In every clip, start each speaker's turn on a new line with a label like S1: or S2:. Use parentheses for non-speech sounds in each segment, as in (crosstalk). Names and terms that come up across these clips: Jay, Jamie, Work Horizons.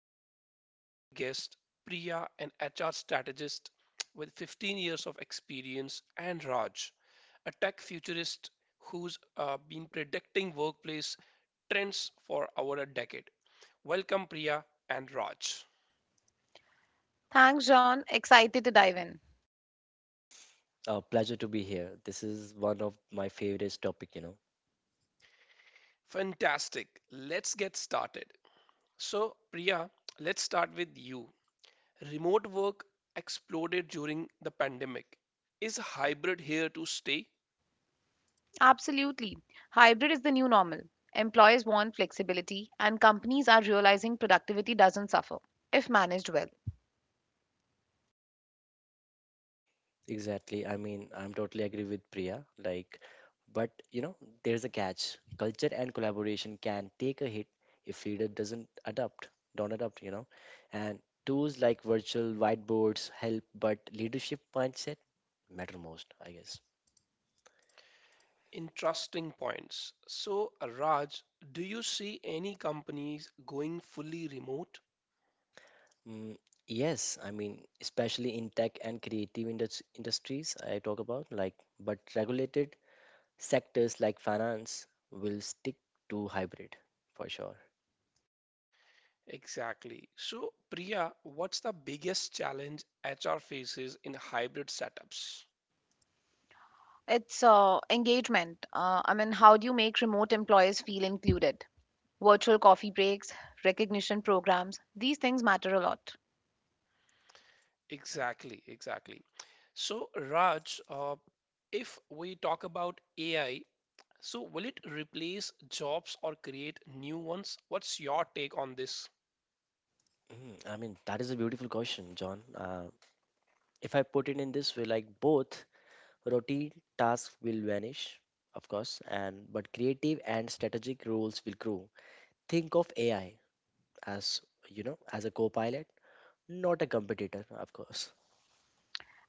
S1: two incredible guests, Priya, an HR strategist with 15 years of experience, and Raj, a tech futurist who's been predicting workplace trends for over a decade. Welcome, Priya and Raj.
S2: Thanks, John. Excited to dive in.
S3: Pleasure to be here. This is one of my favorite topic, you know.
S1: Fantastic. Let's get started. So, Priya, let's start with you. Remote work exploded during the pandemic. Is hybrid here to stay?
S2: Absolutely. Hybrid is the new normal. Employers want flexibility, and companies are realizing productivity doesn't suffer if managed well.
S3: Exactly. I mean, I'm totally agree with Priya. Like, but you know, there's a catch. Culture and collaboration can take a hit if leader doesn't adapt, don't adopt, you know. And tools like virtual whiteboards help, but leadership mindset matter most, I guess.
S1: Interesting points. So, Raj, do you see any companies going fully remote?
S3: Mm, yes, I mean, especially in tech and creative industries, I talk about like, but regulated sectors like finance will stick to hybrid for sure.
S1: Exactly. So, Priya, what's the biggest challenge HR faces in hybrid setups?
S2: It's engagement. I mean, how do you make remote employees feel included? Virtual coffee breaks, recognition programs, these things matter a lot.
S1: Exactly, exactly. So, Raj, if we talk about AI, so will it replace jobs or create new ones? What's your take on this?
S3: Mm, I mean, that is a beautiful question, John. If I put it in this way, like both routine tasks will vanish, of course, and but creative and strategic roles will grow. Think of AI as, you know, as a co-pilot, not a competitor, of course.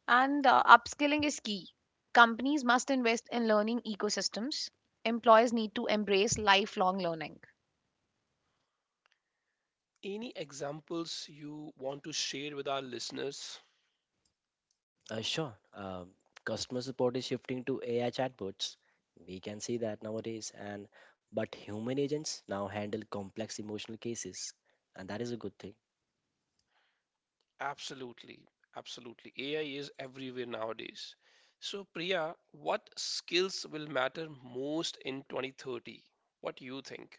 S2: And upskilling is key. Companies must invest in learning ecosystems. Employers need to embrace lifelong learning.
S1: Any examples you want to share with our listeners?
S3: Sure. Customer support is shifting to AI chatbots. We can see that nowadays, and but human agents now handle complex emotional cases, and that is a good thing.
S1: Absolutely, absolutely. AI is everywhere nowadays. So, Priya, what skills will matter most in 2030? What do you think?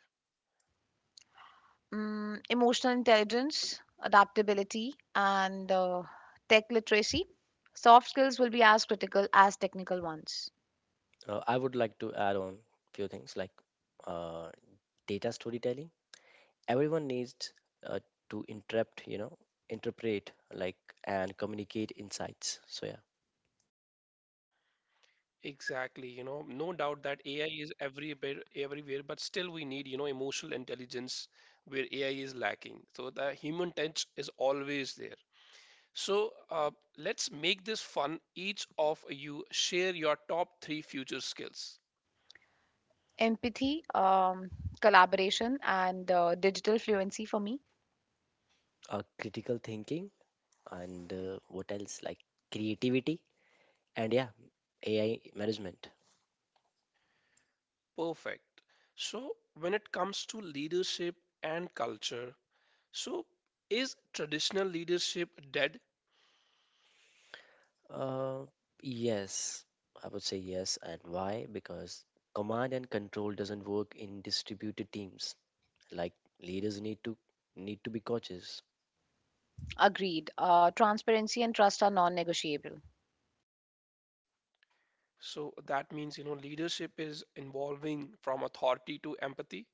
S2: Emotional intelligence, adaptability, and tech literacy. Soft skills will be as critical as technical ones.
S3: I would like to add on few things like uh, data storytelling. Everyone needs uh, to interpret, you know, interpret like and communicate insights. So yeah.
S1: Exactly, you know, no doubt that AI is every bit everywhere, but still we need, you know, emotional intelligence where AI is lacking. So the human touch is always there. So let's make this fun. Each of you share your top three future skills.
S2: Empathy, collaboration, and digital fluency for me.
S3: Critical thinking, and what else like creativity, and yeah, AI management.
S1: Perfect. So when it comes to leadership and culture, so is traditional leadership dead?
S3: Uh, yes, I would say yes. And why? Because command and control doesn't work in distributed teams. Like leaders need to be coaches.
S2: Agreed. Transparency and trust are non negotiable.
S1: So that means, you know, leadership is evolving from authority to empathy.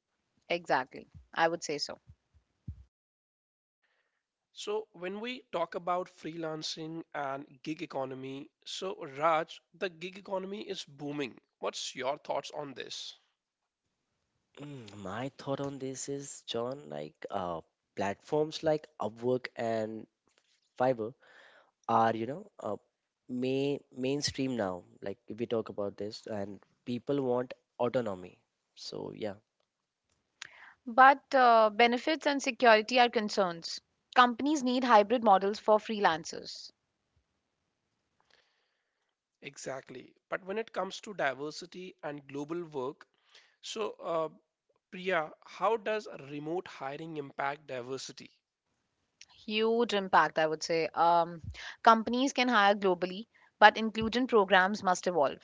S2: Exactly. I would say so.
S1: So, when we talk about freelancing and gig economy, so Raj, the gig economy is booming. What's your thoughts on this?
S3: Mm, my thought on this is, John, like platforms like Upwork and Fiverr are, you know, mainstream now. Like if we talk about this, and people want autonomy. So yeah.
S2: But benefits and security are concerns. Companies need hybrid models for freelancers.
S1: Exactly. But when it comes to diversity and global work, so Priya, how does remote hiring impact diversity?
S2: Huge impact, I would say. Companies can hire globally, but inclusion programs must evolve.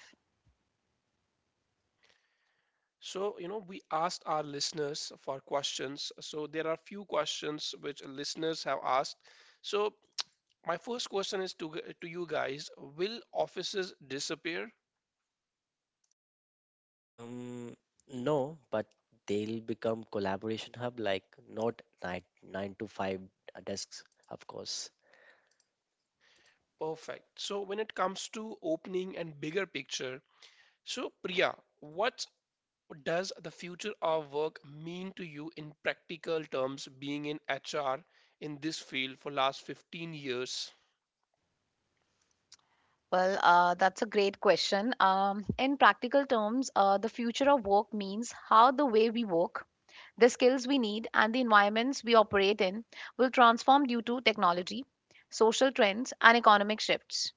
S1: So, you know, we asked our listeners for questions. So, there are few questions which listeners have asked. So, my first question is to you guys, will offices disappear?
S3: Um, no, but they'll become collaboration hub, like not 9 to 5 desks, of course.
S1: Perfect. So when it comes to opening and bigger picture, so Priya, what does the future of work mean to you in practical terms being in HR in this field for last 15 years?
S2: Well, that's a great question. In practical terms, the future of work means how the way we work, the skills we need, and the environments we operate in will transform due to technology, social trends, and economic shifts.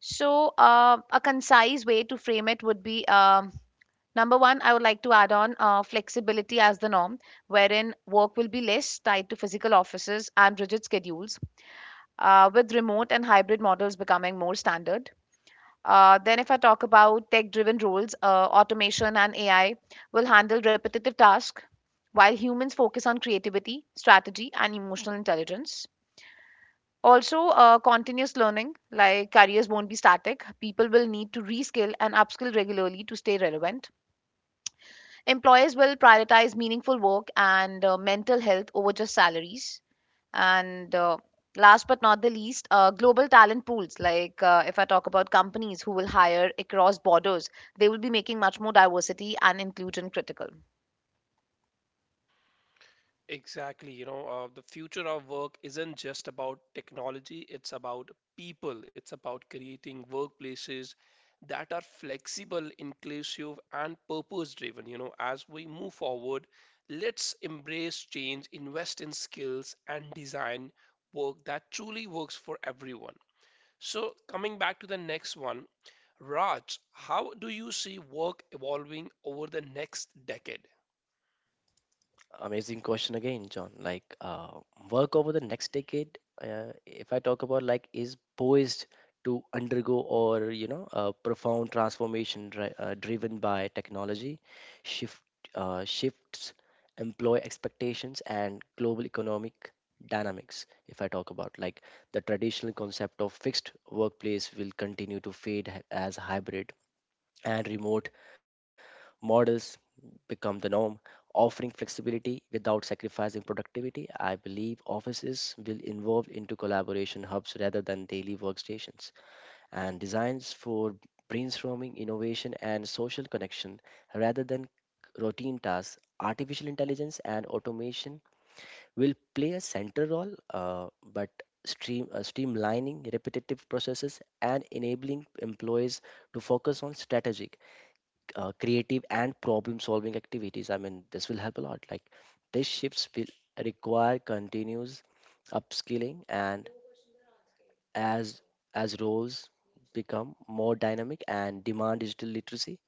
S2: So, a concise way to frame it would be Number one, I would like to add on flexibility as the norm, wherein work will be less tied to physical offices and rigid schedules, with remote and hybrid models becoming more standard. Then, if I talk about tech driven roles, automation and AI will handle repetitive tasks while humans focus on creativity, strategy, and emotional intelligence. Also, continuous learning, like careers won't be static. People will need to reskill and upskill regularly to stay relevant. Employers will prioritize meaningful work and mental health over just salaries. And last but not the least, global talent pools. Like if I talk about companies who will hire across borders, they will be making much more diversity and inclusion critical.
S1: Exactly. You know, the future of work isn't just about technology, it's about people. It's about creating workplaces that are flexible, inclusive, and purpose driven. You know, as we move forward, let's embrace change, invest in skills, and design work that truly works for everyone. So, coming back to the next one, Raj, how do you see work evolving over the next decade?
S3: Amazing question again, John. Like work over the next decade, if I talk about like is poised to undergo or you know a profound transformation driven by technology, shift shifts, employee expectations, and global economic dynamics. If I talk about like the traditional concept of fixed workplace will continue to fade as hybrid and remote models become the norm, offering flexibility without sacrificing productivity. I believe offices will evolve into collaboration hubs rather than daily workstations, and designs for brainstorming, innovation, and social connection rather than routine tasks. Artificial intelligence and automation will play a central role, but streamlining repetitive processes and enabling employees to focus on strategic creative and problem solving activities. I mean this will help a lot. Like these shifts will require continuous upskilling, and as roles become more dynamic and demand digital literacy,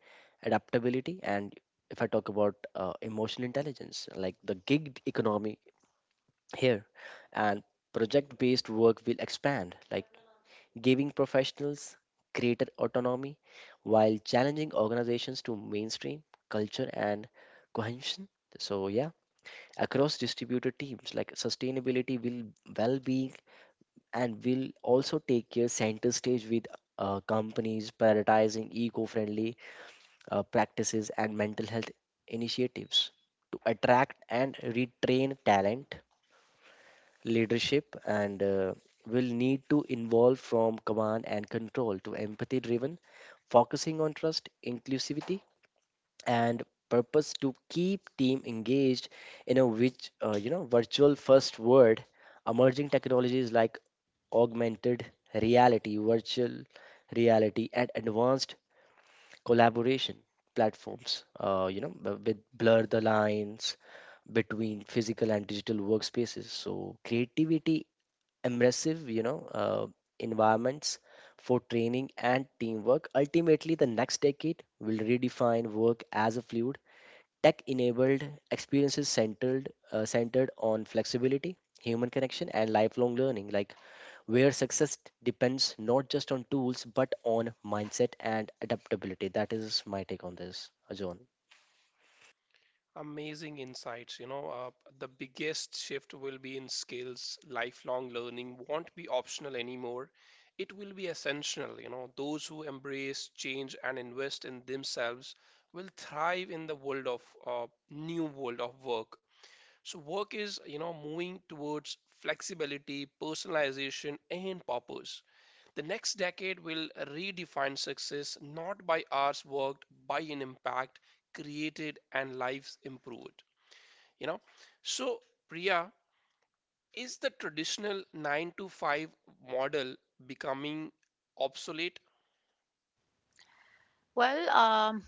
S3: adaptability, and if I talk about emotional intelligence. Like the gig economy here, and project based work will expand, like giving professionals greater autonomy while challenging organizations to mainstream culture and cohesion. So, yeah, across distributed teams, like sustainability will, well being, and will also take care center stage with companies prioritizing eco friendly practices and mental health initiatives to attract and retrain talent. Leadership and will need to involve from command and control to empathy driven, focusing on trust, inclusivity, and purpose to keep team engaged in a which you know virtual first world. Emerging technologies like augmented reality, virtual reality, and advanced collaboration platforms, you know, with blur the lines between physical and digital workspaces, so creativity, immersive, you know, environments for training and teamwork. Ultimately, the next decade will redefine work as a fluid, tech-enabled experiences centered on flexibility, human connection, and lifelong learning. Like where success depends not just on tools but on mindset and adaptability. That is my take on this, Ajon.
S1: Amazing insights. You know, the biggest shift will be in skills. Lifelong learning won't be optional anymore. It will be essential. You know, those who embrace change and invest in themselves will thrive in the world of new world of work. So work is, you know, moving towards flexibility, personalization, and purpose. The next decade will redefine success not by hours worked, by an impact created and lives improved, you know. So, Priya, is the traditional 9 to 5 model becoming obsolete?
S2: Well,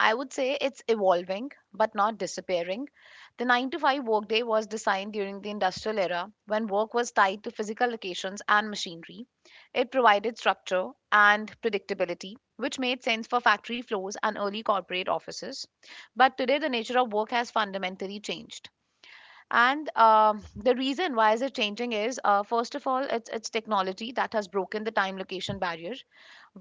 S2: I would say it's evolving but not disappearing. The 9 to 5 workday was designed during the industrial era when work was tied to physical locations and machinery. It provided structure and predictability, which made sense for factory floors and early corporate offices. But today, the nature of work has fundamentally changed. And the reason why is it changing is, first of all, it's technology that has broken the time location barrier.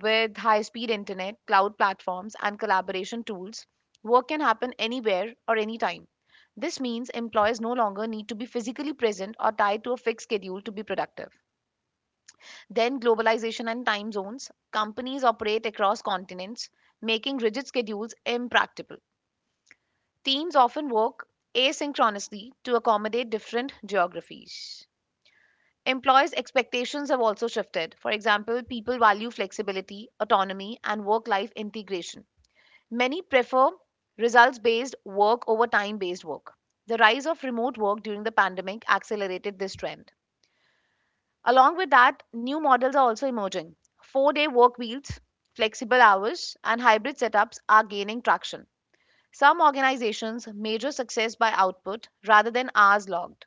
S2: With high speed internet, cloud platforms, and collaboration tools, work can happen anywhere or anytime. This means employers no longer need to be physically present or tied to a fixed schedule to be productive. Then, globalization and time zones. Companies operate across continents, making rigid schedules impractical. Teams often work asynchronously to accommodate different geographies. Employers' expectations have also shifted. For example, people value flexibility, autonomy, and work life integration. Many prefer results based work over time based work. The rise of remote work during the pandemic accelerated this trend. Along with that, new models are also emerging. 4 day work wheels, flexible hours, and hybrid setups are gaining traction. Some organizations measure success by output rather than hours logged.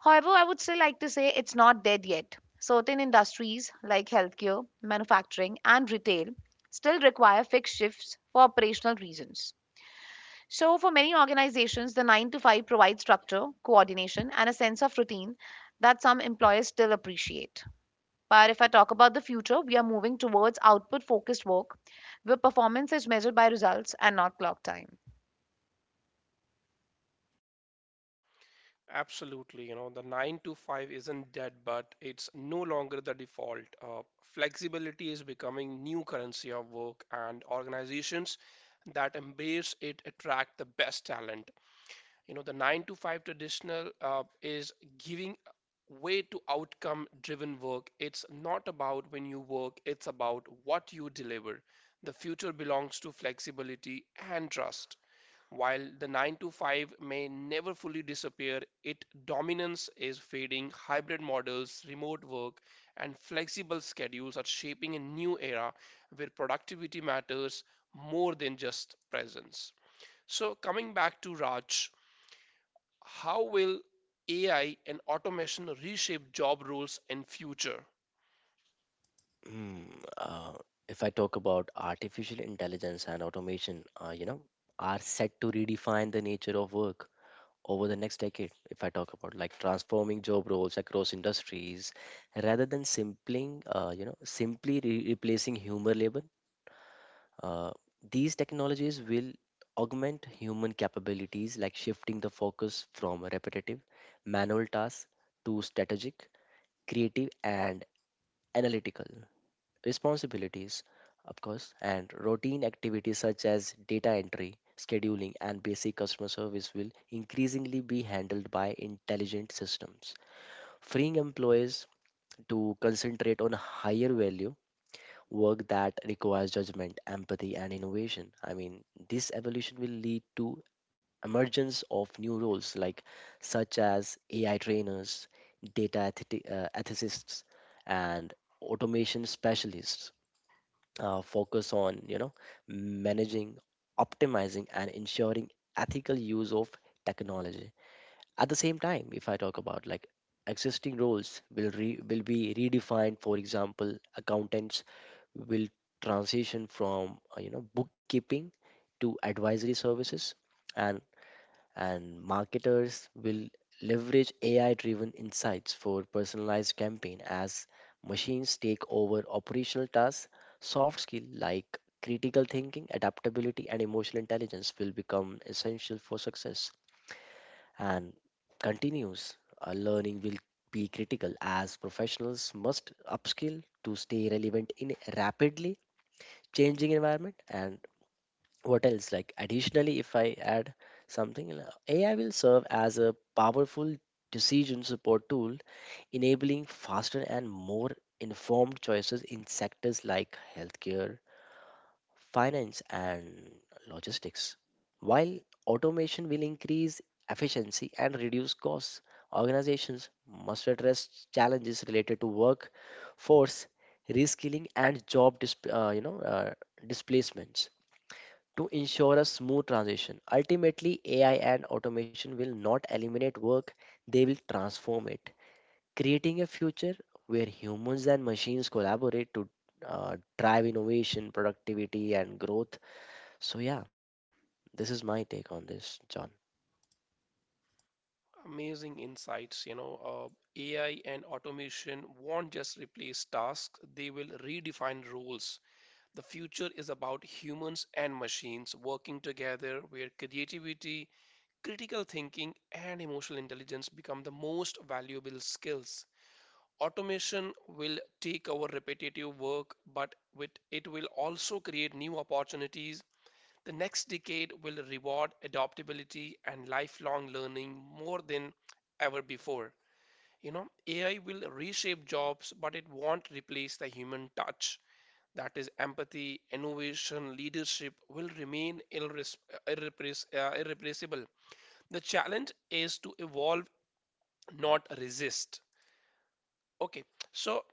S2: However, I would still like to say it's not dead yet. Certain industries like healthcare, manufacturing, and retail still require fixed shifts for operational reasons. So, for many organizations, the 9 to 5 provides structure, coordination, and a sense of routine that some employers still appreciate. But if I talk about the future, we are moving towards output focused work where performance is measured by results and not clock time.
S1: Absolutely. You know, the 9 to 5 isn't dead, but it's no longer the default. Flexibility is becoming new currency of work, and organizations that embrace it attract the best talent. You know, the 9 to 5 traditional is giving way to outcome driven work. It's not about when you work, it's about what you deliver. The future belongs to flexibility and trust while the 9 to 5 may never fully disappear. Its dominance is fading. Hybrid models, remote work, and flexible schedules are shaping a new era where productivity matters more than just presence. So, coming back to Raj, how will AI and automation reshape job roles in future?
S3: Hmm. Uh, if I talk about artificial intelligence and automation, you know, are set to redefine the nature of work over the next decade. If I talk about like transforming job roles across industries, rather than simply, you know, simply re replacing human labor, uh, these technologies will augment human capabilities, like shifting the focus from repetitive, manual tasks to strategic, creative, and analytical responsibilities, of course, and routine activities such as data entry, scheduling, and basic customer service will increasingly be handled by intelligent systems, freeing employees to concentrate on higher value work that requires judgment, empathy, and innovation. I mean, this evolution will lead to emergence of new roles like such as AI trainers, data ethiti- ethicists, and automation specialists focus on you know managing optimizing and ensuring ethical use of technology at the same time if I talk about like existing roles will re- will be redefined for example accountants will transition from you know bookkeeping to advisory services and and marketers will leverage AI driven insights for personalized campaign as machines take over operational tasks soft skills like critical thinking adaptability and emotional intelligence will become essential for success and continuous learning will be critical as professionals must upskill to stay relevant in a rapidly changing environment and what else like additionally if I add something l- ai will serve as a powerful decision support tool enabling faster and more informed choices in sectors like healthcare finance and logistics while automation will increase efficiency and reduce costs organizations must address challenges related to workforce reskilling and job dis- you know displacements to ensure a smooth transition. Ultimately, AI and automation will not eliminate work, they will transform it, creating a future where humans and machines collaborate to drive innovation, productivity, and growth. So, yeah, this is my take on this, John.
S1: Amazing insights. You know, AI and automation won't just replace tasks; they will redefine roles. The future is about humans and machines working together, where creativity, critical thinking, and emotional intelligence become the most valuable skills. Automation will take over repetitive work, but with it will also create new opportunities. The next decade will reward adaptability and lifelong learning more than ever before. You know, AI will reshape jobs, but it won't replace the human touch. That is, empathy, innovation, leadership will remain irreplaceable. The challenge is to evolve, not resist. Okay, so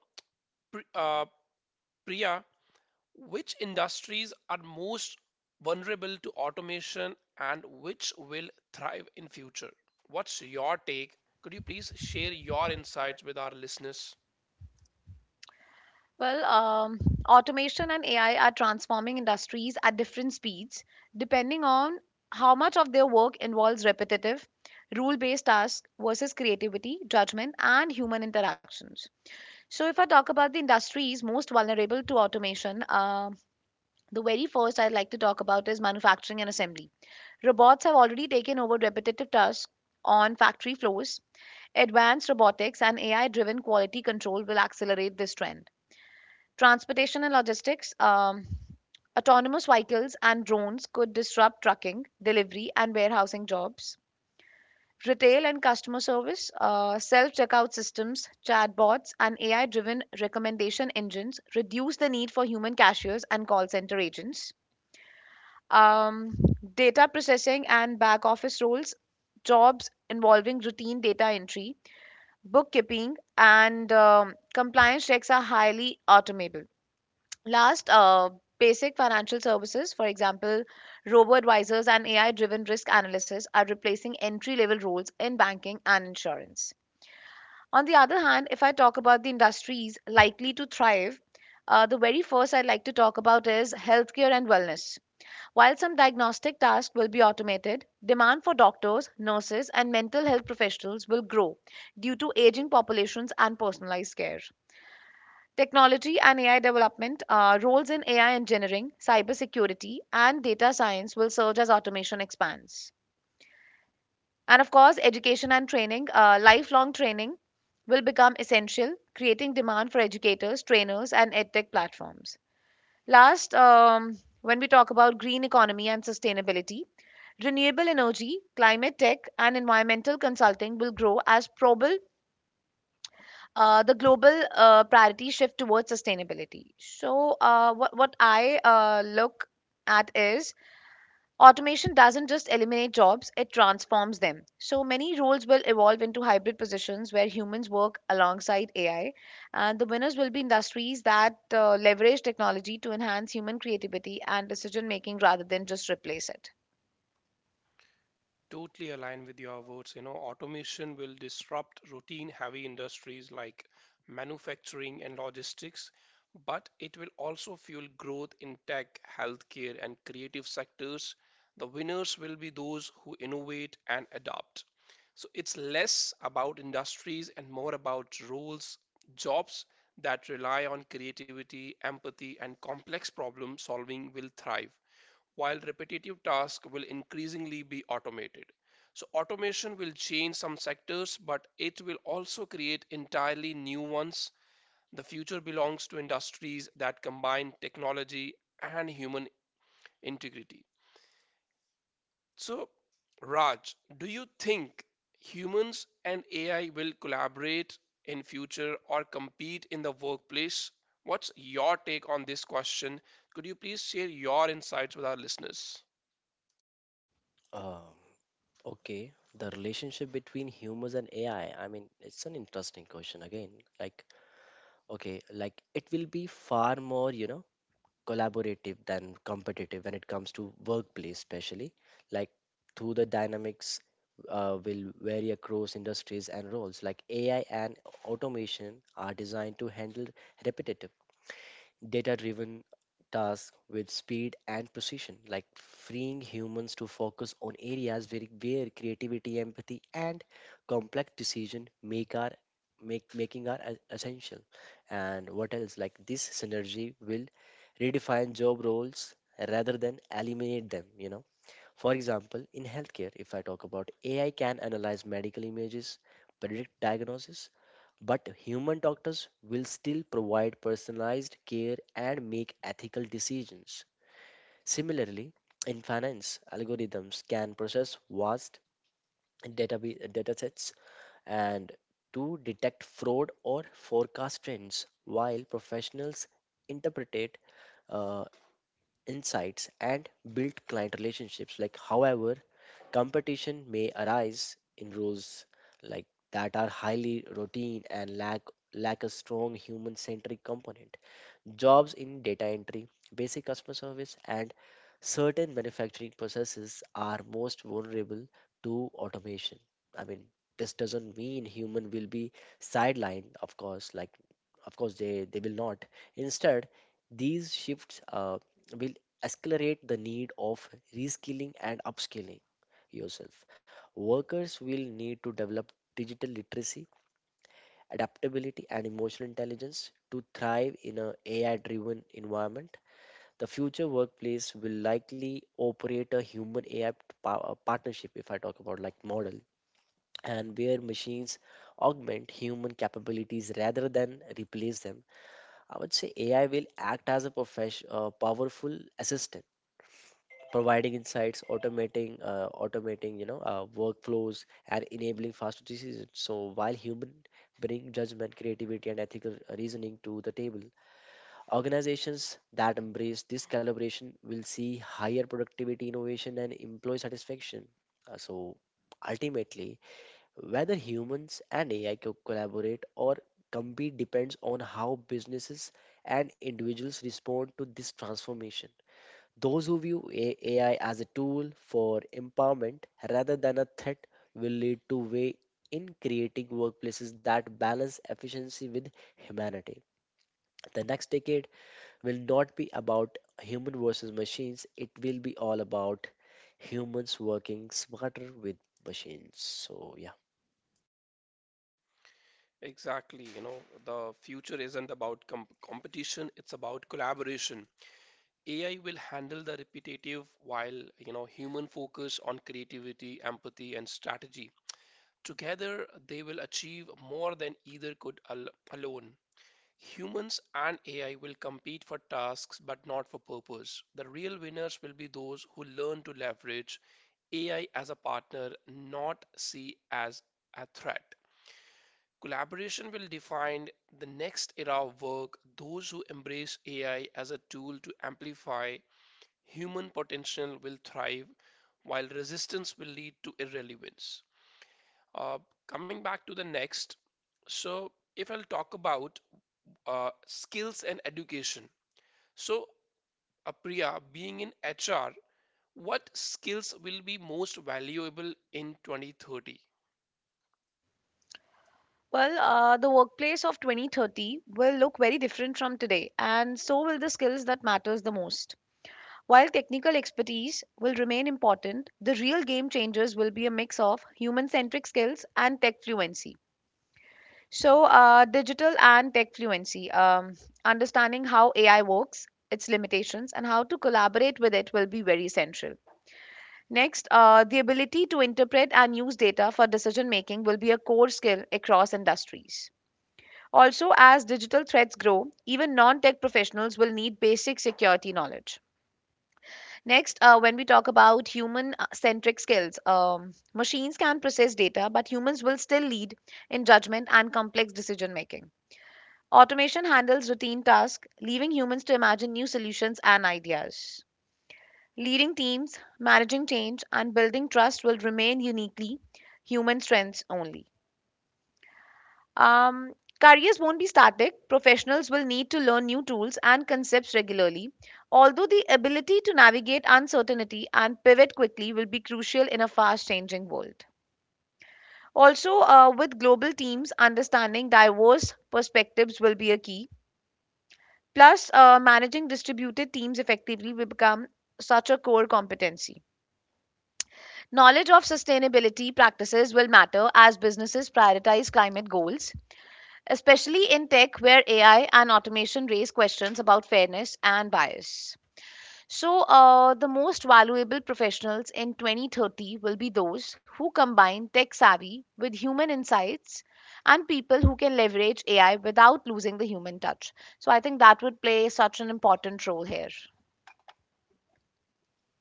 S1: Pri- uh, Priya, which industries are most vulnerable to automation and which will thrive in future? What's your take? Could you please share your insights with our listeners?
S2: Well, automation and AI are transforming industries at different speeds depending on how much of their work involves repetitive, rule based tasks versus creativity, judgment, and human interactions. So, if I talk about the industries most vulnerable to automation, the very first I'd like to talk about is manufacturing and assembly. Robots have already taken over repetitive tasks on factory floors. Advanced robotics and AI driven quality control will accelerate this trend. Transportation and logistics, autonomous vehicles and drones could disrupt trucking, delivery, and warehousing jobs. Retail and customer service, self checkout systems, chatbots, and AI driven recommendation engines reduce the need for human cashiers and call center agents. Um, Data processing and back office roles, jobs involving routine data entry, bookkeeping, and compliance checks are highly automable. Last, basic financial services, for example, robo advisors and AI driven risk analysis, are replacing entry level roles in banking and insurance. On the other hand, if I talk about the industries likely to thrive, the very first I'd like to talk about is healthcare and wellness. While some diagnostic tasks will be automated, demand for doctors, nurses, and mental health professionals will grow due to aging populations and personalized care. Technology and AI development, roles in AI engineering, cybersecurity, and data science will surge as automation expands. And of course, education and training, lifelong training will become essential, creating demand for educators, trainers, and edtech platforms. Last, when we talk about green economy and sustainability, renewable energy, climate tech, and environmental consulting will grow as probable the global priority shift towards sustainability. So, what I look at is automation doesn't just eliminate jobs, it transforms them. So many roles will evolve into hybrid positions where humans work alongside AI, and the winners will be industries that leverage technology to enhance human creativity and decision making rather than just replace it.
S1: Totally align with your words. You know, automation will disrupt routine heavy industries like manufacturing and logistics, but it will also fuel growth in tech, healthcare, and creative sectors. The winners will be those who innovate and adapt. So it's less about industries and more about roles, jobs that rely on creativity, empathy, and complex problem solving will thrive while repetitive tasks will increasingly be automated. So, automation will change some sectors, but it will also create entirely new ones. The future belongs to industries that combine technology and human integrity. So, Raj, do you think humans and AI will collaborate in future or compete in the workplace? What's your take on this question? Could you please share your insights with our listeners?
S3: Um, okay, the relationship between humans and AI. I mean, it's an interesting question again. Like, okay, like it will be far more, you know, collaborative than competitive when it comes to workplace especially like through the dynamics will vary across industries and roles like ai and automation are designed to handle repetitive data driven tasks with speed and precision, like freeing humans to focus on areas where creativity, empathy, and complex decision make our make making are e- essential and what else like this synergy will redefine job roles rather than eliminate them you know for example in healthcare if I talk about ai can analyze medical images predict diagnosis but human doctors will still provide personalized care and make ethical decisions. Similarly, in finance, algorithms can process vast database datasets and to detect fraud or forecast trends, while professionals interpret uh, insights and build client relationships. Like, however, Competition may arise in roles like that are highly routine and lack lack a strong human-centric component. Jobs in data entry, basic customer service, and certain manufacturing processes are most vulnerable to automation. I mean, this doesn't mean human will be sidelined, of course, like of course they will not. Instead, these shifts will accelerate the need of reskilling and upskilling yourself. Workers will need to develop digital literacy adaptability, and emotional intelligence to thrive in an AI driven environment. The future workplace will likely operate a human AI pa- partnership, if I talk about like model, and where machines augment human capabilities rather than replace them. I would say AI will act as a profes- powerful assistant providing insights, automating, automating, you know, workflows, and enabling faster decisions. So while human bring judgment, creativity, and ethical reasoning to the table, organizations that embrace this collaboration will see higher productivity, innovation, and employee satisfaction. So ultimately, whether humans and AI co- collaborate or compete depends on how businesses and individuals respond to this transformation. Those who view A- AI as a tool for empowerment rather than a threat will lead to way in creating workplaces that balance efficiency with humanity. The next decade will not be about human versus machines, it will be all about humans working smarter with machines. So yeah.
S1: Exactly, you know, the future isn't about competition, it's about collaboration. AI will handle the repetitive while, you know, human focus on creativity, empathy, and strategy. Together, they will achieve more than either could alone. Humans and AI will compete for tasks but not for purpose. The real winners will be those who learn to leverage AI as a partner, not see as a threat. Collaboration will define the next era of work. Those who embrace AI as a tool to amplify human potential will thrive, while resistance will lead to irrelevance. Uh, Coming back to the next, so if I'll talk about skills and education. So, Apriya, being in HR, what skills will be most valuable in 2030?
S2: Well, the workplace of 2030 will look very different from today, and so will the skills that matters the most. While technical expertise will remain important, the real game changers will be a mix of human-centric skills and tech fluency. So, digital and tech fluency, understanding how AI works, its limitations, and how to collaborate with it will be very essential. Next, the ability to interpret and use data for decision making will be a core skill across industries. Also, as digital threats grow, even non tech professionals will need basic security knowledge. Next, when we talk about human centric skills, machines can process data, but humans will still lead in judgment and complex decision making. Automation handles routine tasks, leaving humans to imagine new solutions and ideas. Leading teams, managing change, and building trust will remain uniquely human strengths only. Um, Careers won't be static. Professionals will need to learn new tools and concepts regularly. Although the ability to navigate uncertainty and pivot quickly will be crucial in a fast changing world. Also, with global teams, understanding diverse perspectives will be a key. Plus, managing distributed teams effectively will become such a core competency. Knowledge of sustainability practices will matter as businesses prioritize climate goals, especially in tech where AI and automation raise questions about fairness and bias. So, the most valuable professionals in 2030 will be those who combine tech savvy with human insights and people who can leverage AI without losing the human touch. So, I think that would play such an important role here.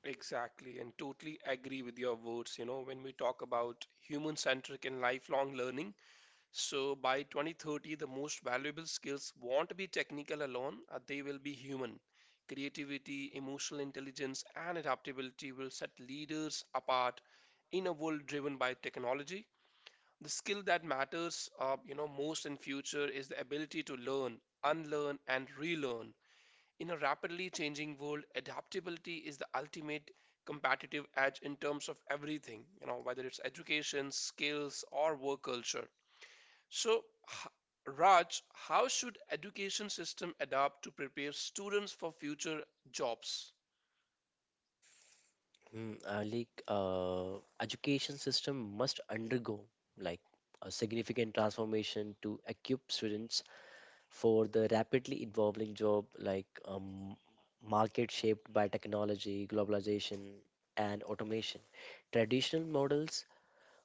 S1: Exactly, and totally agree with your words. You know, when we talk about human centric and lifelong learning, so by 2030, the most valuable skills won't be technical alone, they will be human. Creativity, emotional intelligence, and adaptability will set leaders apart in a world driven by technology. The skill that matters, you know, most in future is the ability to learn, unlearn, and relearn in a rapidly changing world, adaptability is the ultimate competitive edge in terms of everything, you know, whether it's education, skills, or work culture. So, Raj, how should education system adapt to prepare students for future jobs?
S3: Hmm, Education system must undergo like a significant transformation to equip students for the rapidly evolving job like market shaped by technology, globalization, and automation. Traditional models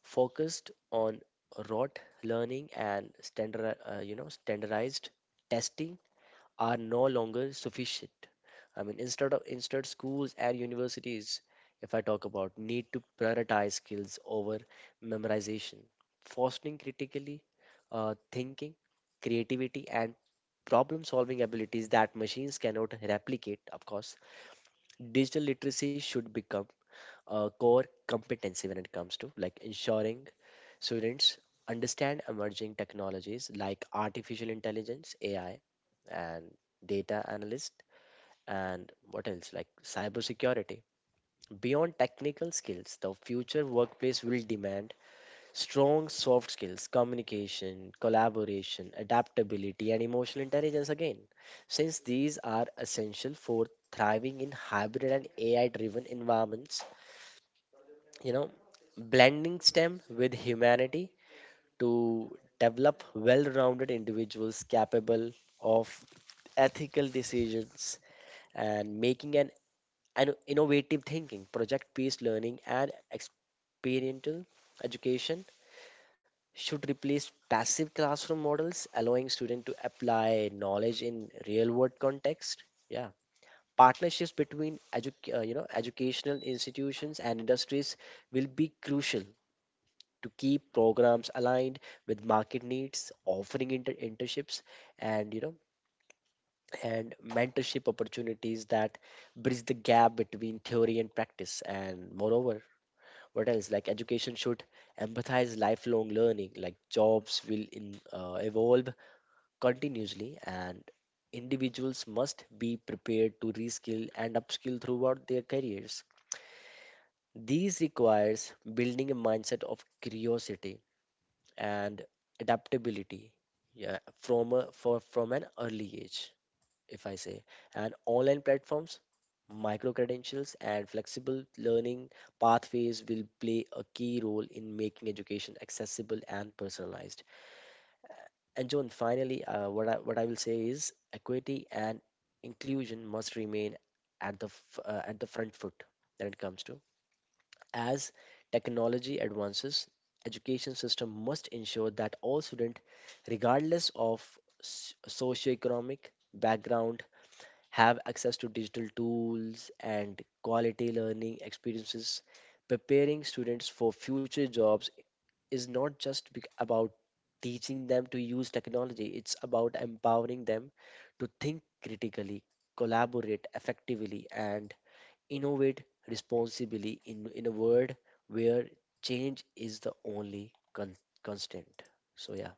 S3: focused on rote learning and you know, standardized testing are no longer sufficient. I mean, instead schools and universities, if I talk about, need to prioritize skills over memorization, fostering critically thinking, creativity, and problem solving abilities that machines cannot replicate. Of course, digital literacy should become a core competency when it comes to like ensuring students understand emerging technologies like artificial intelligence, AI, and data analyst, and what else like cybersecurity. Beyond technical skills, the future workplace will demand strong soft skills: communication, collaboration, adaptability, and emotional intelligence again, since these are essential for thriving in hybrid and AI driven environments. You know, blending STEM with humanity to develop well rounded individuals capable of ethical decisions and making an innovative thinking. Project based learning and experiential education should replace passive classroom models, allowing students to apply knowledge in real world context. Yeah. Partnerships between educational institutions and industries will be crucial to keep programs aligned with market needs, offering internships and you know and mentorship opportunities that bridge the gap between theory and practice. And moreover, what else? Like, education should empathize lifelong learning. Like, jobs will evolve continuously, and individuals must be prepared to reskill and upskill throughout their careers. These requires building a mindset of curiosity and adaptability, yeah, from a, for from an early age if I say. And online platforms, micro credentials, and flexible learning pathways will play a key role in making education accessible and personalized. And John, finally, what I will say is equity and inclusion must remain at the at the front foot when it comes to, as technology advances, education system must ensure that all students, regardless of socioeconomic background, have access to digital tools and quality learning experiences. Preparing students for future jobs is not just about teaching them to use technology. It's about empowering them to think critically, collaborate effectively, and innovate responsibly in a world where change is the only constant. So, yeah,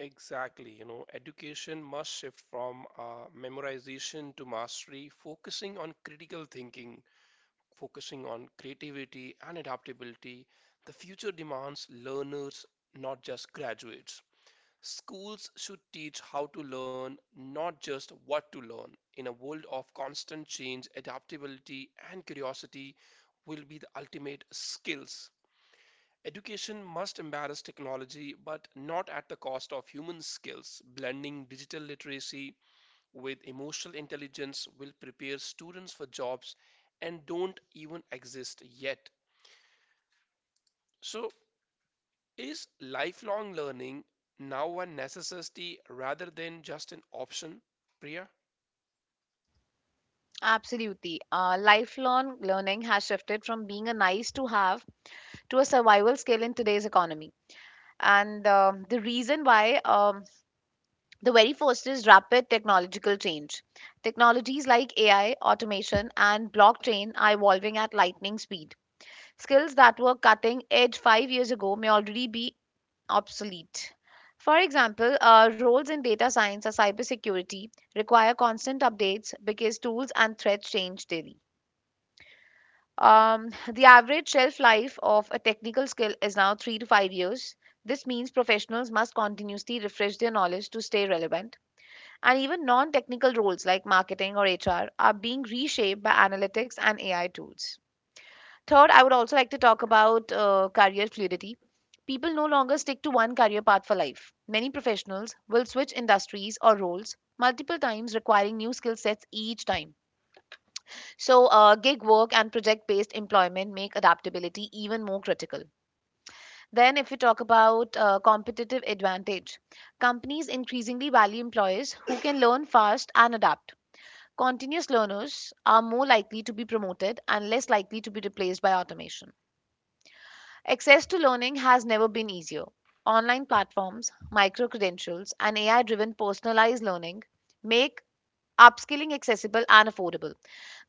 S1: Exactly, you know, education must shift from memorization to mastery, focusing on critical thinking, focusing on creativity and adaptability, the future demands learners, not just graduates. Schools should teach how to learn, not just what to learn. In a world of constant change, adaptability and curiosity will be the ultimate skills. Education must embrace technology, but not at the cost of human skills. Blending digital literacy with emotional intelligence will prepare students for jobs and don't even exist yet. So, is lifelong learning now a necessity rather than just an option, Priya?
S2: Absolutely. Lifelong learning has shifted from being a nice to have to a survival skill in today's economy. And the reason why, the very first is rapid technological change. Technologies like AI, automation, and blockchain are evolving at lightning speed. Skills that were cutting edge 5 years ago may already be obsolete. For example, roles in data science or cybersecurity require constant updates because tools and threats change daily. The average shelf life of a technical skill is now 3 to 5 years. This means professionals must continuously refresh their knowledge to stay relevant. And even non technical roles like marketing or HR are being reshaped by analytics and AI tools. Third, I would also like to talk about career fluidity. People no longer stick to one career path for life. Many professionals will switch industries or roles multiple times, requiring new skill sets each time. So, gig work and project based employment make adaptability even more critical. Then, if we talk about competitive advantage, companies increasingly value employees who can learn fast and adapt. Continuous learners are more likely to be promoted and less likely to be replaced by automation. Access to learning has never been easier. Online platforms, micro credentials, and AI driven personalized learning make upskilling accessible and affordable.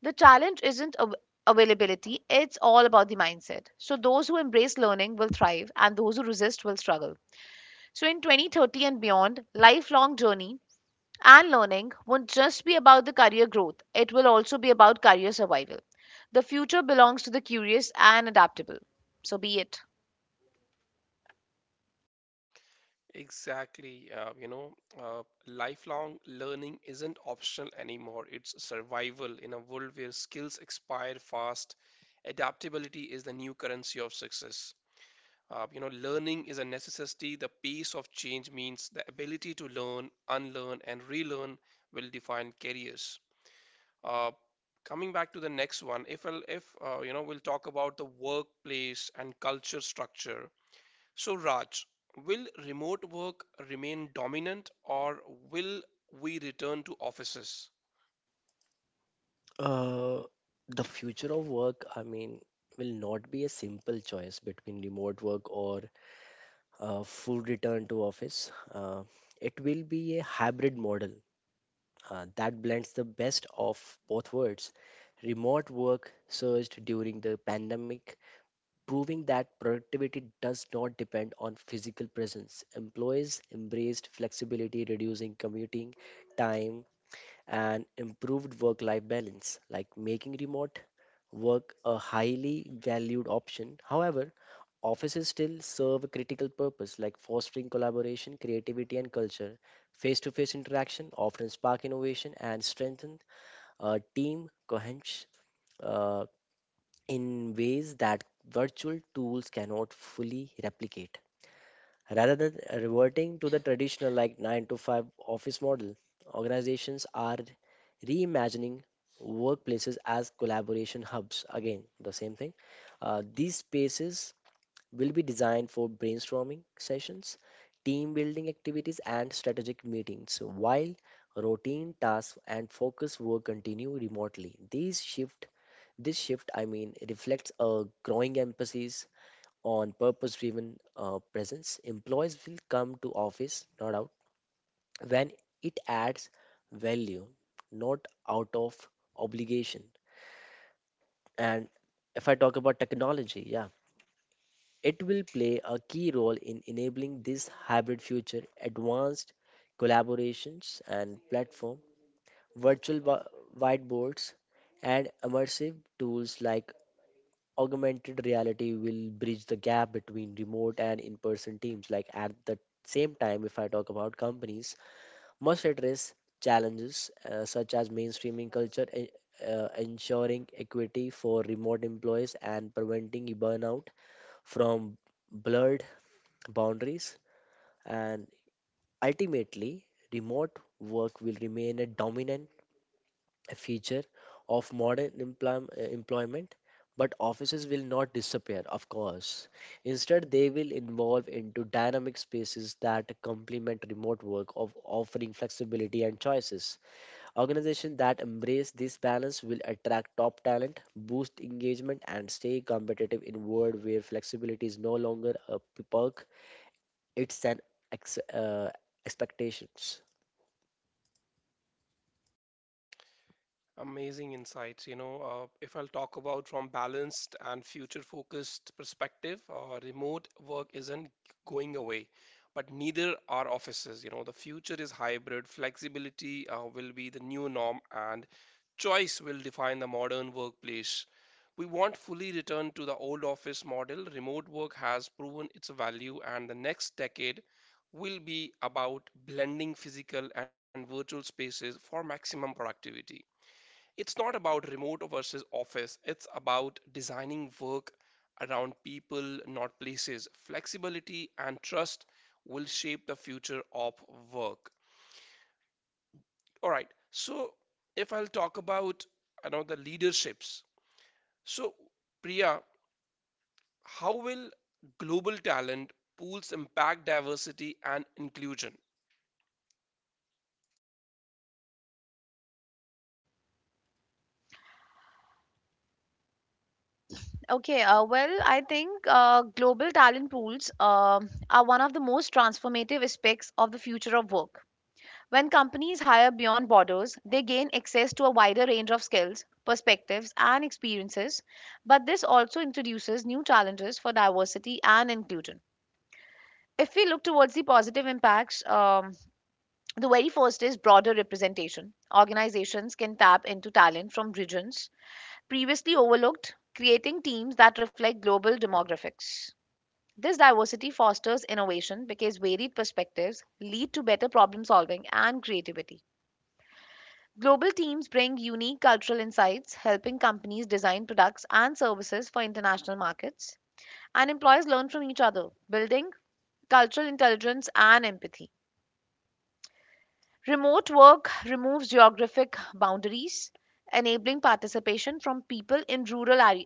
S2: The challenge isn't availability, it's all about the mindset. So, those who embrace learning will thrive, and those who resist will struggle. So, in 2030 and beyond, lifelong journey and learning won't just be about the career growth, it will also be about career survival. The future belongs to the curious and adaptable. So, be it.
S1: Exactly. You know, lifelong learning isn't optional anymore. It's survival in a world where skills expire fast. Adaptability is the new currency of success. You know, learning is a necessity. The pace of change means the ability to learn, unlearn, and relearn will define careers. Uh, Coming back to the next one, if I'll, if you know, we'll talk about the workplace and culture structure. So, Raj, will remote work remain dominant, or will we return to offices?
S3: uh, the future of work, I mean, will not be a simple choice between remote work or full return to office. It will be a hybrid model that blends the best of both worlds. Remote work surged during the pandemic, proving that productivity does not depend on physical presence. Employees embraced flexibility, reducing commuting time, and improved work life balance, like making remote work a highly valued option. However, offices still serve a critical purpose, like fostering collaboration, creativity, and culture. Face to face interaction often spark innovation and strengthen uh, team cohes- uh, in ways that virtual tools cannot fully replicate. Rather than reverting to the traditional like 9 to 5 office model, organizations are reimagining workplaces as collaboration hubs. Again, the same thing. These spaces will be designed for brainstorming sessions, team building activities, and strategic meetings, while routine tasks and focus work continue remotely. These shift this shift, I mean, reflects a growing emphasis on purpose driven presence. Employees will come to office, not out, when it adds value, not out of obligation. And if I talk about technology, yeah, it will play a key role in enabling this hybrid future. Advanced collaborations and platform, virtual whiteboards, and immersive tools like augmented reality will bridge the gap between remote and in-person teams. Like, at the same time, if I talk about companies, must address challenges such as mainstreaming culture, ensuring equity for remote employees, and preventing burnout from blurred boundaries, and ultimately, remote work will remain a dominant feature of modern employment. But offices will not disappear, of course. Instead, they will evolve into dynamic spaces that complement remote work of offering flexibility and choices. Organizations that embrace this balance will attract top talent, boost engagement, and stay competitive in a world where flexibility is no longer a perk, it's an ex- uh, expectations.
S1: Amazing insights. You know, if I'll talk about from balanced and future-focused perspective, remote work isn't going away, but neither are offices. You know, the future is hybrid. Flexibility will be the new norm, and choice will define the modern workplace. We won't fully return to the old office model. Remote work has proven its value, and the next decade will be about blending physical and virtual spaces for maximum productivity. It's not about remote versus office, it's about designing work around people, not places. Flexibility and trust will shape the future of work. All right, so if I'll talk about I know the leaderships. So, Priya, how will global talent pools impact diversity and inclusion?
S2: Okay, well, I think global talent pools are one of the most transformative aspects of the future of work. When companies hire beyond borders, they gain access to a wider range of skills, perspectives, and experiences, but this also introduces new challenges for diversity and inclusion. If we look towards the positive impacts, the very first is broader representation. Organizations can tap into talent from regions previously overlooked, creating teams that reflect global demographics. This diversity fosters innovation because varied perspectives lead to better problem solving and creativity. Global teams bring unique cultural insights, helping companies design products and services for international markets. And employees learn from each other, building cultural intelligence and empathy. Remote work removes geographic boundaries, enabling participation from people in rural areas,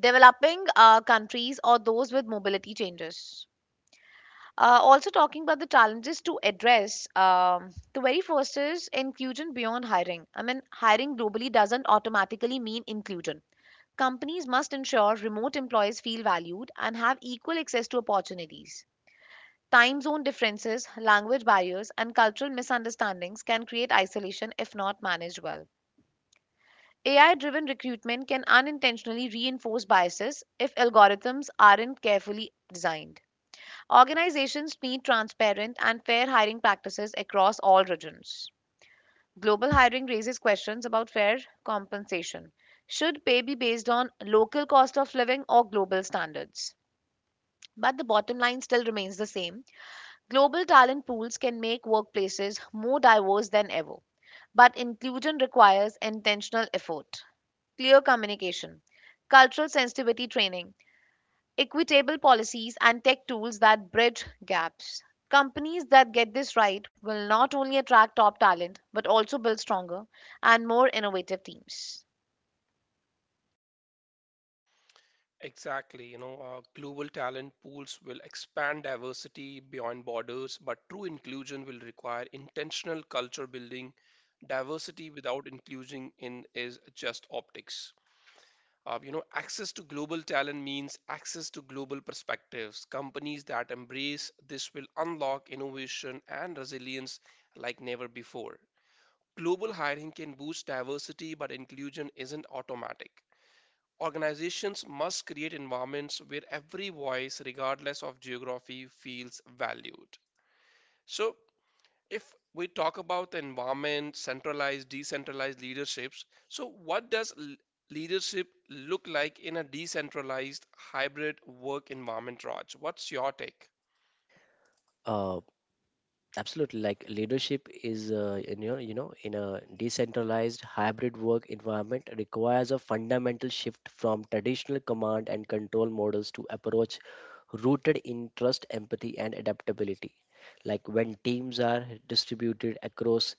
S2: developing countries, or those with mobility changes. Also, talking about the challenges to address, the very first is inclusion beyond hiring. I mean, hiring globally doesn't automatically mean inclusion. Companies must ensure remote employees feel valued and have equal access to opportunities. Time zone differences, language barriers, and cultural misunderstandings can create isolation if not managed well. AI driven recruitment can unintentionally reinforce biases if algorithms aren't carefully designed. Organizations need transparent and fair hiring practices across all regions. Global hiring raises questions about fair compensation. Should pay be based on local cost of living or global standards? But the bottom line still remains the same. Global talent pools can make workplaces more diverse than ever. But inclusion requires intentional effort, clear communication, cultural sensitivity training, equitable policies and tech tools that bridge gaps. Companies that get this right will not only attract top talent but also build stronger and more innovative teams.
S1: Exactly. You know, global talent pools will expand diversity beyond borders, but true inclusion will require intentional culture building. Diversity without inclusion in is just optics. You know, access to global talent means access to global perspectives. Companies that embrace this will unlock innovation and resilience like never before. Global hiring can boost diversity, but inclusion isn't automatic. Organizations must create environments where every voice, regardless of geography, feels valued. So, if we talk about the environment, centralized, decentralized leaderships, so what does leadership look like in a decentralized hybrid work environment, Raj? What's your take?
S3: Uh, absolutely, like, leadership is in your, you know in a decentralized hybrid work environment requires a fundamental shift from traditional command and control models to approach rooted in trust, empathy, and adaptability. Like, when teams are distributed across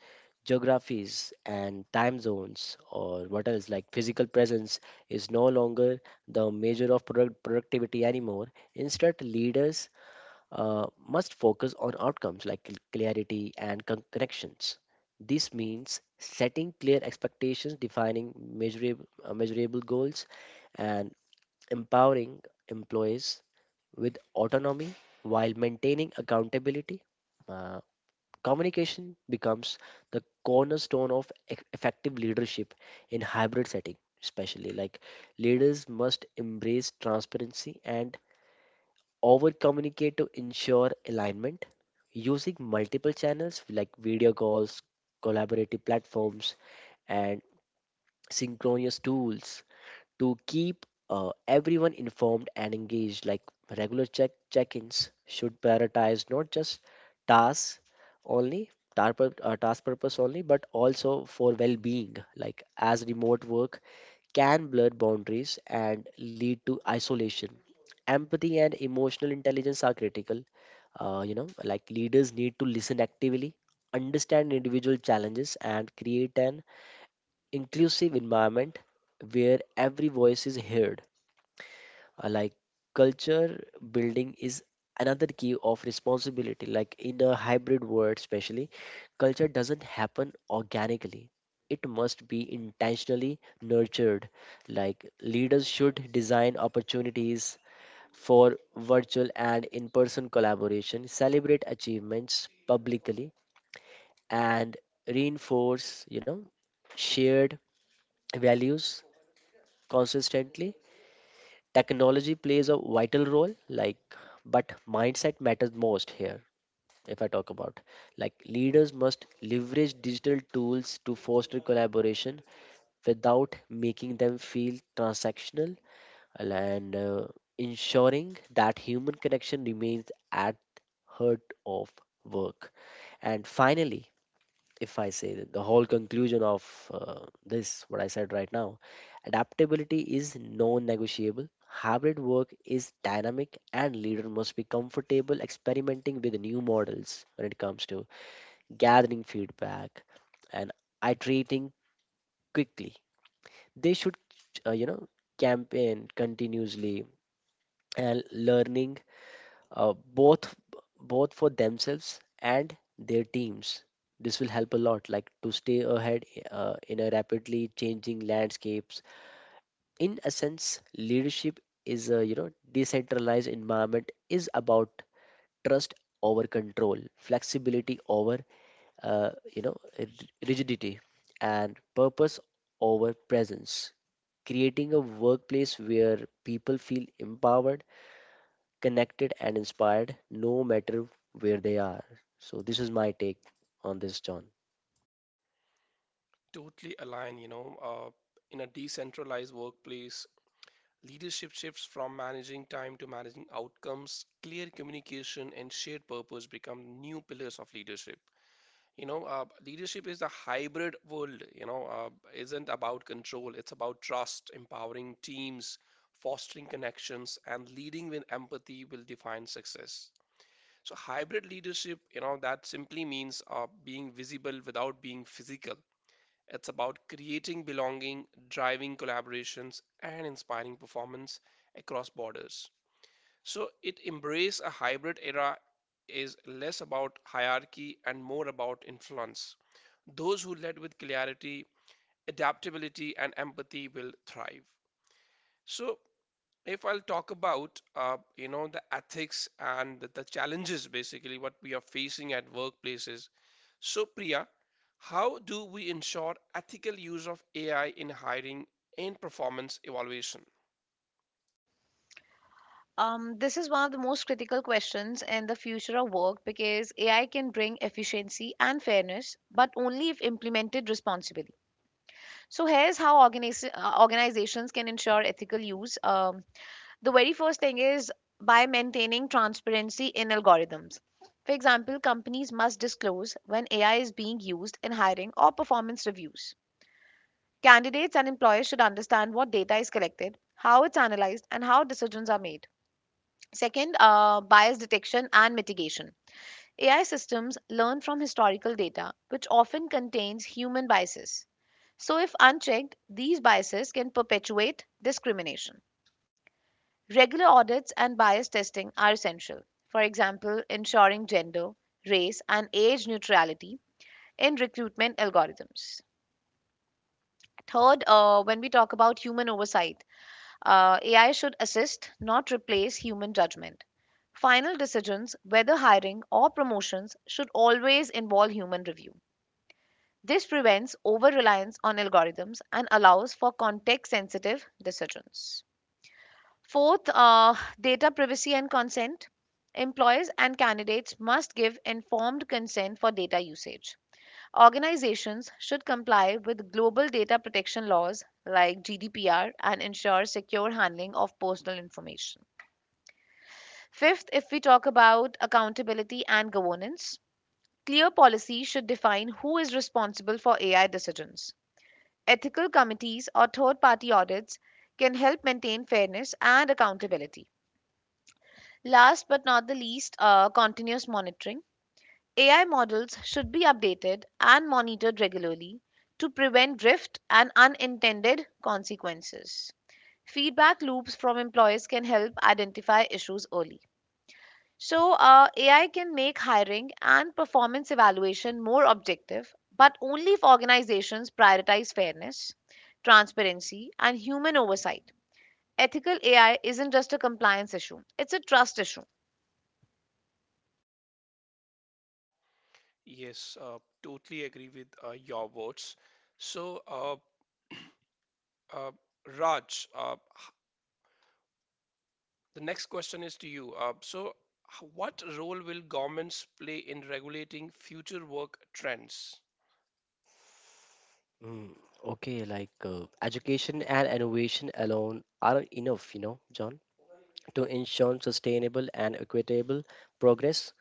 S3: geographies and time zones, or what else, like, physical presence is no longer the measure of productivity anymore. Instead, leaders must focus on outcomes like clarity and connections. This means setting clear expectations, defining measurable goals, and empowering employees with autonomy while maintaining accountability. Uh, Communication becomes the cornerstone of effective leadership in hybrid setting especially. Like, leaders must embrace transparency and over communicate to ensure alignment, using multiple channels like video calls, collaborative platforms, and synchronous tools to keep everyone informed and engaged. Like, regular check ins should prioritize not just tasks only. Task purpose only, but also for well being, like, as remote work can blur boundaries and lead to isolation. Empathy and emotional intelligence are critical. Like, leaders need to listen actively, understand individual challenges, and create an inclusive environment where every voice is heard. Like, culture building is another key of responsibility. Like, in a hybrid world, especially, culture doesn't happen organically. It must be intentionally nurtured. Like, leaders should design opportunities for virtual and in person collaboration, celebrate achievements publicly, and reinforce, you know, shared values consistently. Technology plays a vital role, like, but mindset matters most here. If I talk about, like, leaders must leverage digital tools to foster collaboration without making them feel transactional, and ensuring that human connection remains at heart of work. And finally, if I say that the whole conclusion of this, what I said right now, adaptability is non negotiable. Hybrid work is dynamic, and leader must be comfortable experimenting with new models when it comes to gathering feedback and iterating quickly. They should, uh, you know, campaign continuously and learning, uh, both both for themselves and their teams. This will help a lot, like, to stay ahead in a rapidly changing landscapes. In essence, leadership is a, you know, decentralized environment is about trust over control, flexibility over uh, you know r- rigidity, and purpose over presence. Creating a workplace where people feel empowered, connected, and inspired no matter where they are. So, this is my take on this, John.
S1: Totally align, you know, in a decentralized workplace, leadership shifts from managing time to managing outcomes. Clear communication and shared purpose become new pillars of leadership. You know, leadership is a hybrid world. You know, isn't about control. It's about trust, empowering teams, fostering connections, and leading with empathy will define success. So hybrid leadership, you know, that simply means being visible without being physical, it's about creating belonging, driving collaborations, and inspiring performance across borders. So it embraces a hybrid era is less about hierarchy and more about influence. Those who lead with clarity, adaptability, and empathy will thrive. So if I'll talk about you know the ethics and the challenges basically what we are facing at workplaces. So Priya, how do we ensure ethical use of AI in hiring and performance evaluation?
S2: This is one of the most critical questions in the future of work because AI can bring efficiency and fairness, but only if implemented responsibly. So, here's how organizations can ensure ethical use. The very first thing is by maintaining transparency in algorithms. For example, companies must disclose when AI is being used in hiring or performance reviews. Candidates and employers should understand what data is collected, how it's analyzed, and how decisions are made. Second, bias detection and mitigation. AI systems learn from historical data, which often contains human biases. So, if unchecked, these biases can perpetuate discrimination. Regular audits and bias testing are essential. For example, ensuring gender, race, and age neutrality in recruitment algorithms. Third, when we talk about human oversight, AI should assist, not replace human judgment. Final decisions, whether hiring or promotions, should always involve human review. This prevents over reliance on algorithms and allows for context sensitive decisions. Fourth, data privacy and consent. Employers and candidates must give informed consent for data usage. Organizations should comply with global data protection laws like GDPR and ensure secure handling of personal information. Fifth, if we talk about accountability and governance, clear policy should define who is responsible for AI decisions. Ethical committees or third party audits can help maintain fairness and accountability. Last but not the least, continuous monitoring. AI models should be updated and monitored regularly to prevent drift and unintended consequences. Feedback loops from employers can help identify issues early. So, AI can make hiring and performance evaluation more objective, but only if organizations prioritize fairness, transparency, and human oversight. Ethical AI isn't just a compliance issue, it's a trust issue.
S1: Yes, totally agree with your words. So, uh, Raj, the next question is to you. So, what role will governments play in regulating future work trends?
S3: Mm, okay, like, education and innovation alone aren't enough, you know, John. To ensure sustainable and equitable progress,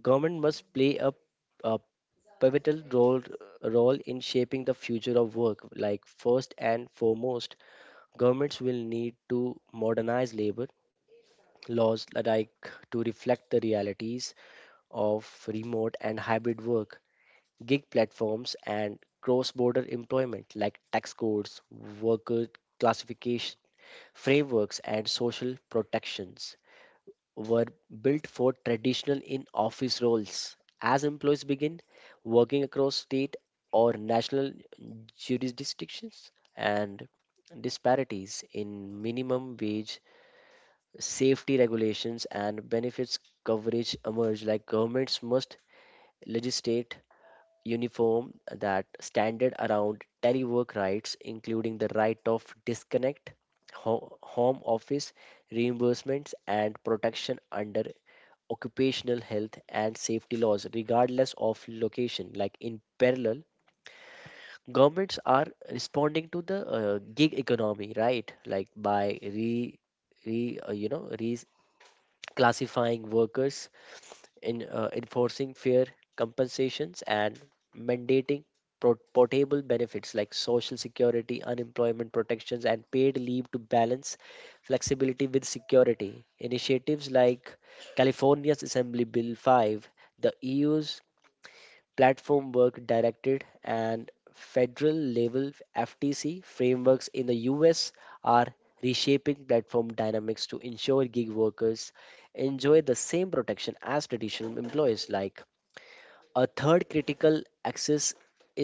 S3: government must play a pivotal role in shaping the future of work. Like, first and foremost, governments will need to modernize labor laws like to reflect the realities of remote and hybrid work, gig platforms, and cross border employment, like tax codes, worker classification frameworks, and social protections were built for traditional in office roles. As employees begin working across state or national jurisdictions, and disparities in minimum wage, safety regulations, and benefits coverage emerge, like governments must legislate uniform that standard around telework rights, including the right of disconnect, home office reimbursements, and protection under occupational health and safety laws, regardless of location. Like, in parallel, governments are responding to the gig economy, right? Like, by re uh, you know, reclassifying workers in enforcing fair compensations and mandating portable benefits like social security, unemployment protections, and paid leave to balance flexibility with security. Initiatives like California's Assembly Bill 5, the EU's platform work directed and federal level FTC frameworks in the US are reshaping platform dynamics to ensure gig workers enjoy the same protection as traditional employees. Like, a third critical axis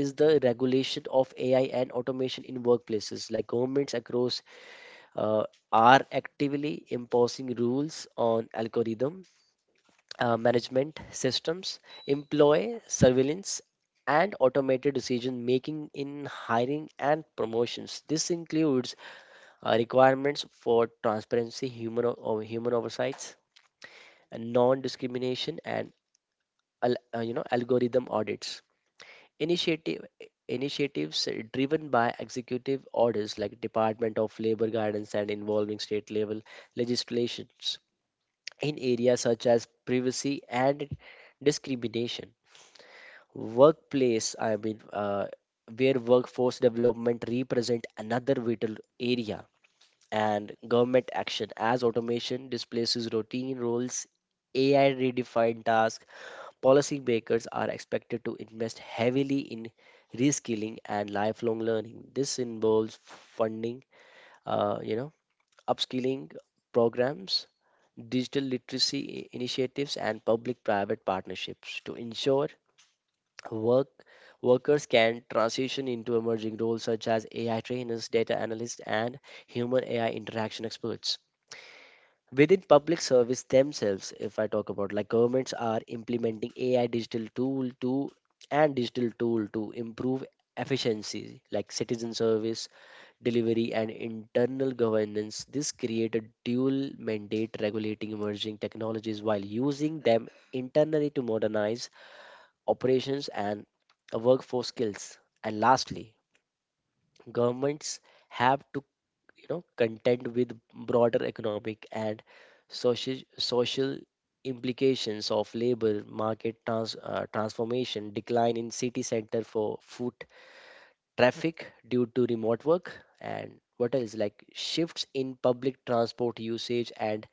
S3: is the regulation of AI and automation in workplaces. Like, governments across uh, are actively imposing rules on algorithms, management systems, employ surveillance, and automated decision making in hiring and promotions. This includes requirements for transparency, human o- or human oversights, and non-discrimination, and algorithm audits, initiative initiatives driven by executive orders like department of labor guidance and involving state level legislations in areas such as privacy and discrimination. Workplace, I mean, where workforce development represent another vital area, and government action as automation displaces routine roles, AI redefined tasks. Policy makers are expected to invest heavily in reskilling and lifelong learning. This involves funding, uh, you know, upskilling programs, digital literacy initiatives, and public private partnerships to ensure Work, workers can transition into emerging roles such as AI trainers, data analysts, and human AI interaction experts. Within public service themselves, if I talk about, like, governments are implementing AI digital tool to and digital tool to improve efficiency, like citizen service, delivery, and internal governance. This create a dual mandate regulating emerging technologies while using them internally to modernize operations and workforce skills. And lastly, governments have to, you know, contend with broader economic and social implications of labor market transformation, decline in city center for foot traffic due to remote work, and what else, like shifts in public transport usage and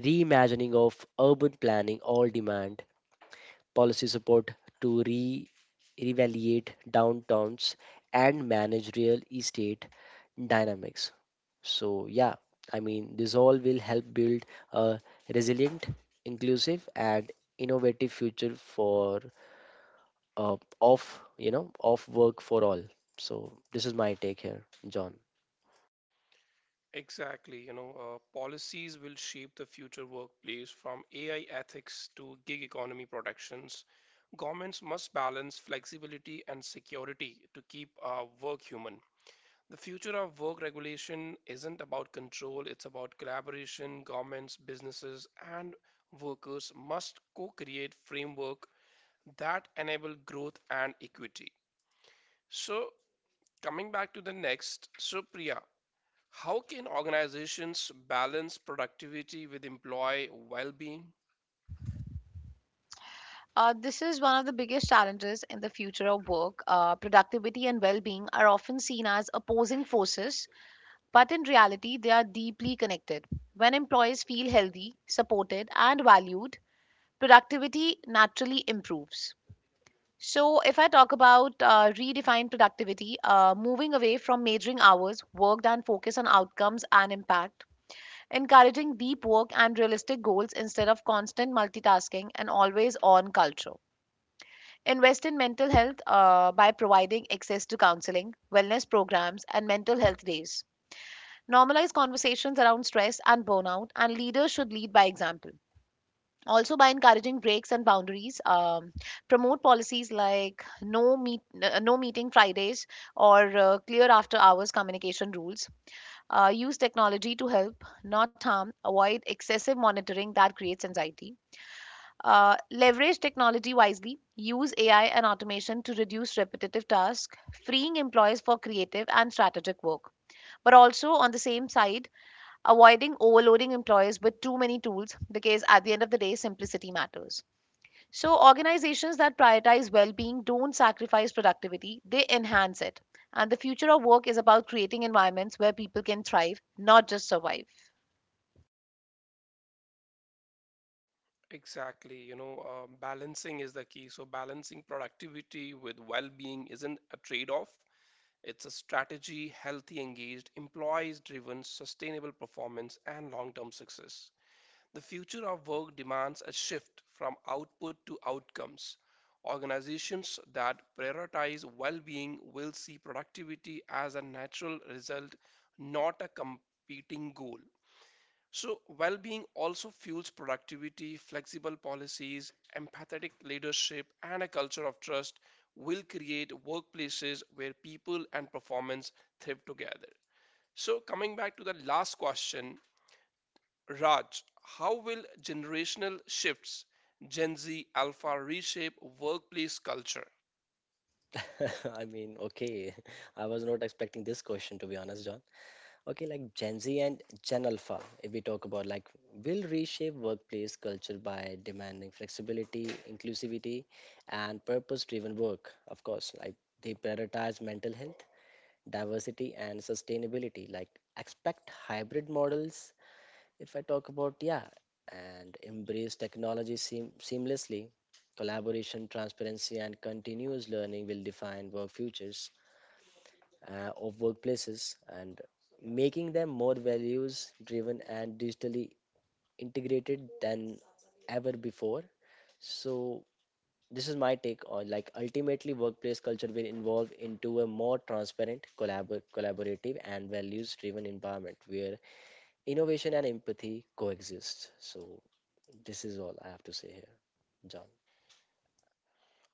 S3: reimagining of urban planning all demand policy support to reevaluate downtowns and manage real estate dynamics. So, yeah, I mean, this all will help build a resilient, inclusive, and innovative future for off work for all. So, this is my take here, John.
S1: Exactly. You know, policies will shape the future workplace from AI ethics to gig economy protections. Governments must balance flexibility and security to keep work human. The future of work regulation isn't about control, it's about collaboration. Governments, businesses, and workers must co create framework that enable growth and equity. So, coming back to the next, so Priya, how can organizations balance productivity with employee well being?
S2: This is one of the biggest challenges in the future of work. Productivity and well being are often seen as opposing forces, but in reality, they are deeply connected. When employees feel healthy, supported, and valued, productivity naturally improves. So, if I talk about redefine productivity, moving away from measuring hours worked and focus on outcomes and impact, encouraging deep work and realistic goals instead of constant multitasking and always on culture. Invest in mental health by providing access to counseling, wellness programs, and mental health days. Normalize conversations around stress and burnout, and leaders should lead by example. Also, by encouraging breaks and boundaries, promote policies like no meeting Fridays or clear after hours communication rules. Use technology to help, not harm. Avoid excessive monitoring that creates anxiety. Leverage technology wisely, use AI and automation to reduce repetitive tasks, freeing employees for creative and strategic work. But also, on the same side, avoiding overloading employees with too many tools because at the end of the day, simplicity matters. So, organizations that prioritize well being don't sacrifice productivity, they enhance it. And the future of work is about creating environments where people can thrive, not just survive.
S1: Exactly, you know, balancing is the key. So, balancing productivity with well being isn't a trade off, it's a strategy, healthy, engaged, employees driven, sustainable performance, and long term success. The future of work demands a shift from output to outcomes. Organizations that prioritize well being will see productivity as a natural result, not a competing goal. So, well being also fuels productivity, flexible policies, empathetic leadership, and a culture of trust will create workplaces where people and performance thrive together. So, coming back to the last question, Raj, how will generational shifts, Gen Z, Alpha, reshape workplace culture?
S3: (laughs) I mean, okay. (laughs) I was not expecting this question, to be honest, John. Okay, like, Gen Z and Gen Alpha, if we talk about, like, will reshape workplace culture by demanding flexibility, inclusivity, and purpose-driven work. Of course, like, they prioritize mental health, diversity, and sustainability. Like, expect hybrid models. If I talk about, yeah, and embrace technology seamlessly. Collaboration, transparency, and continuous learning will define work futures of workplaces, and making them more values driven and digitally integrated than ever before. So, this is my take on, like, ultimately workplace culture will evolve into a more transparent, collaborative, and values driven environment where innovation and empathy coexist. So, this is all I have to say here, John.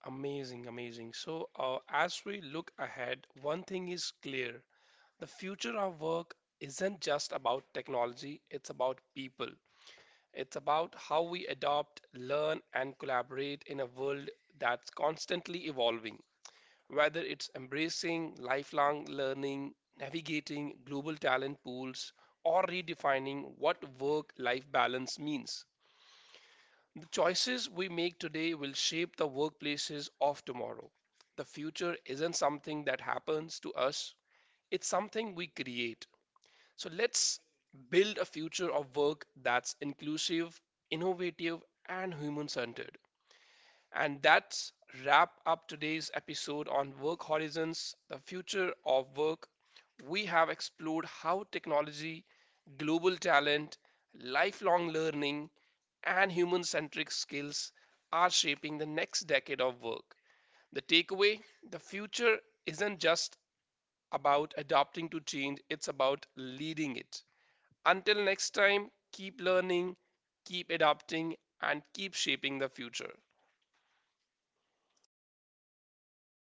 S1: Amazing, amazing. So, as we look ahead, one thing is clear, the future of work isn't just about technology, it's about people. It's about how we adopt, learn, and collaborate in a world that's constantly evolving. Whether it's embracing lifelong learning, navigating global talent pools, or redefining what work life balance means, the choices we make today will shape the workplaces of tomorrow. The future isn't something that happens to us, it's something we create. So let's build a future of work that's inclusive, innovative, and human centered. And that's wrap up today's episode on Work Horizons, the future of work. We have explored how technology, global talent, lifelong learning, and human centric skills are shaping the next decade of work. The takeaway, the future isn't just about adapting to change, it's about leading it. Until next time, keep learning, keep adapting, and keep shaping the future.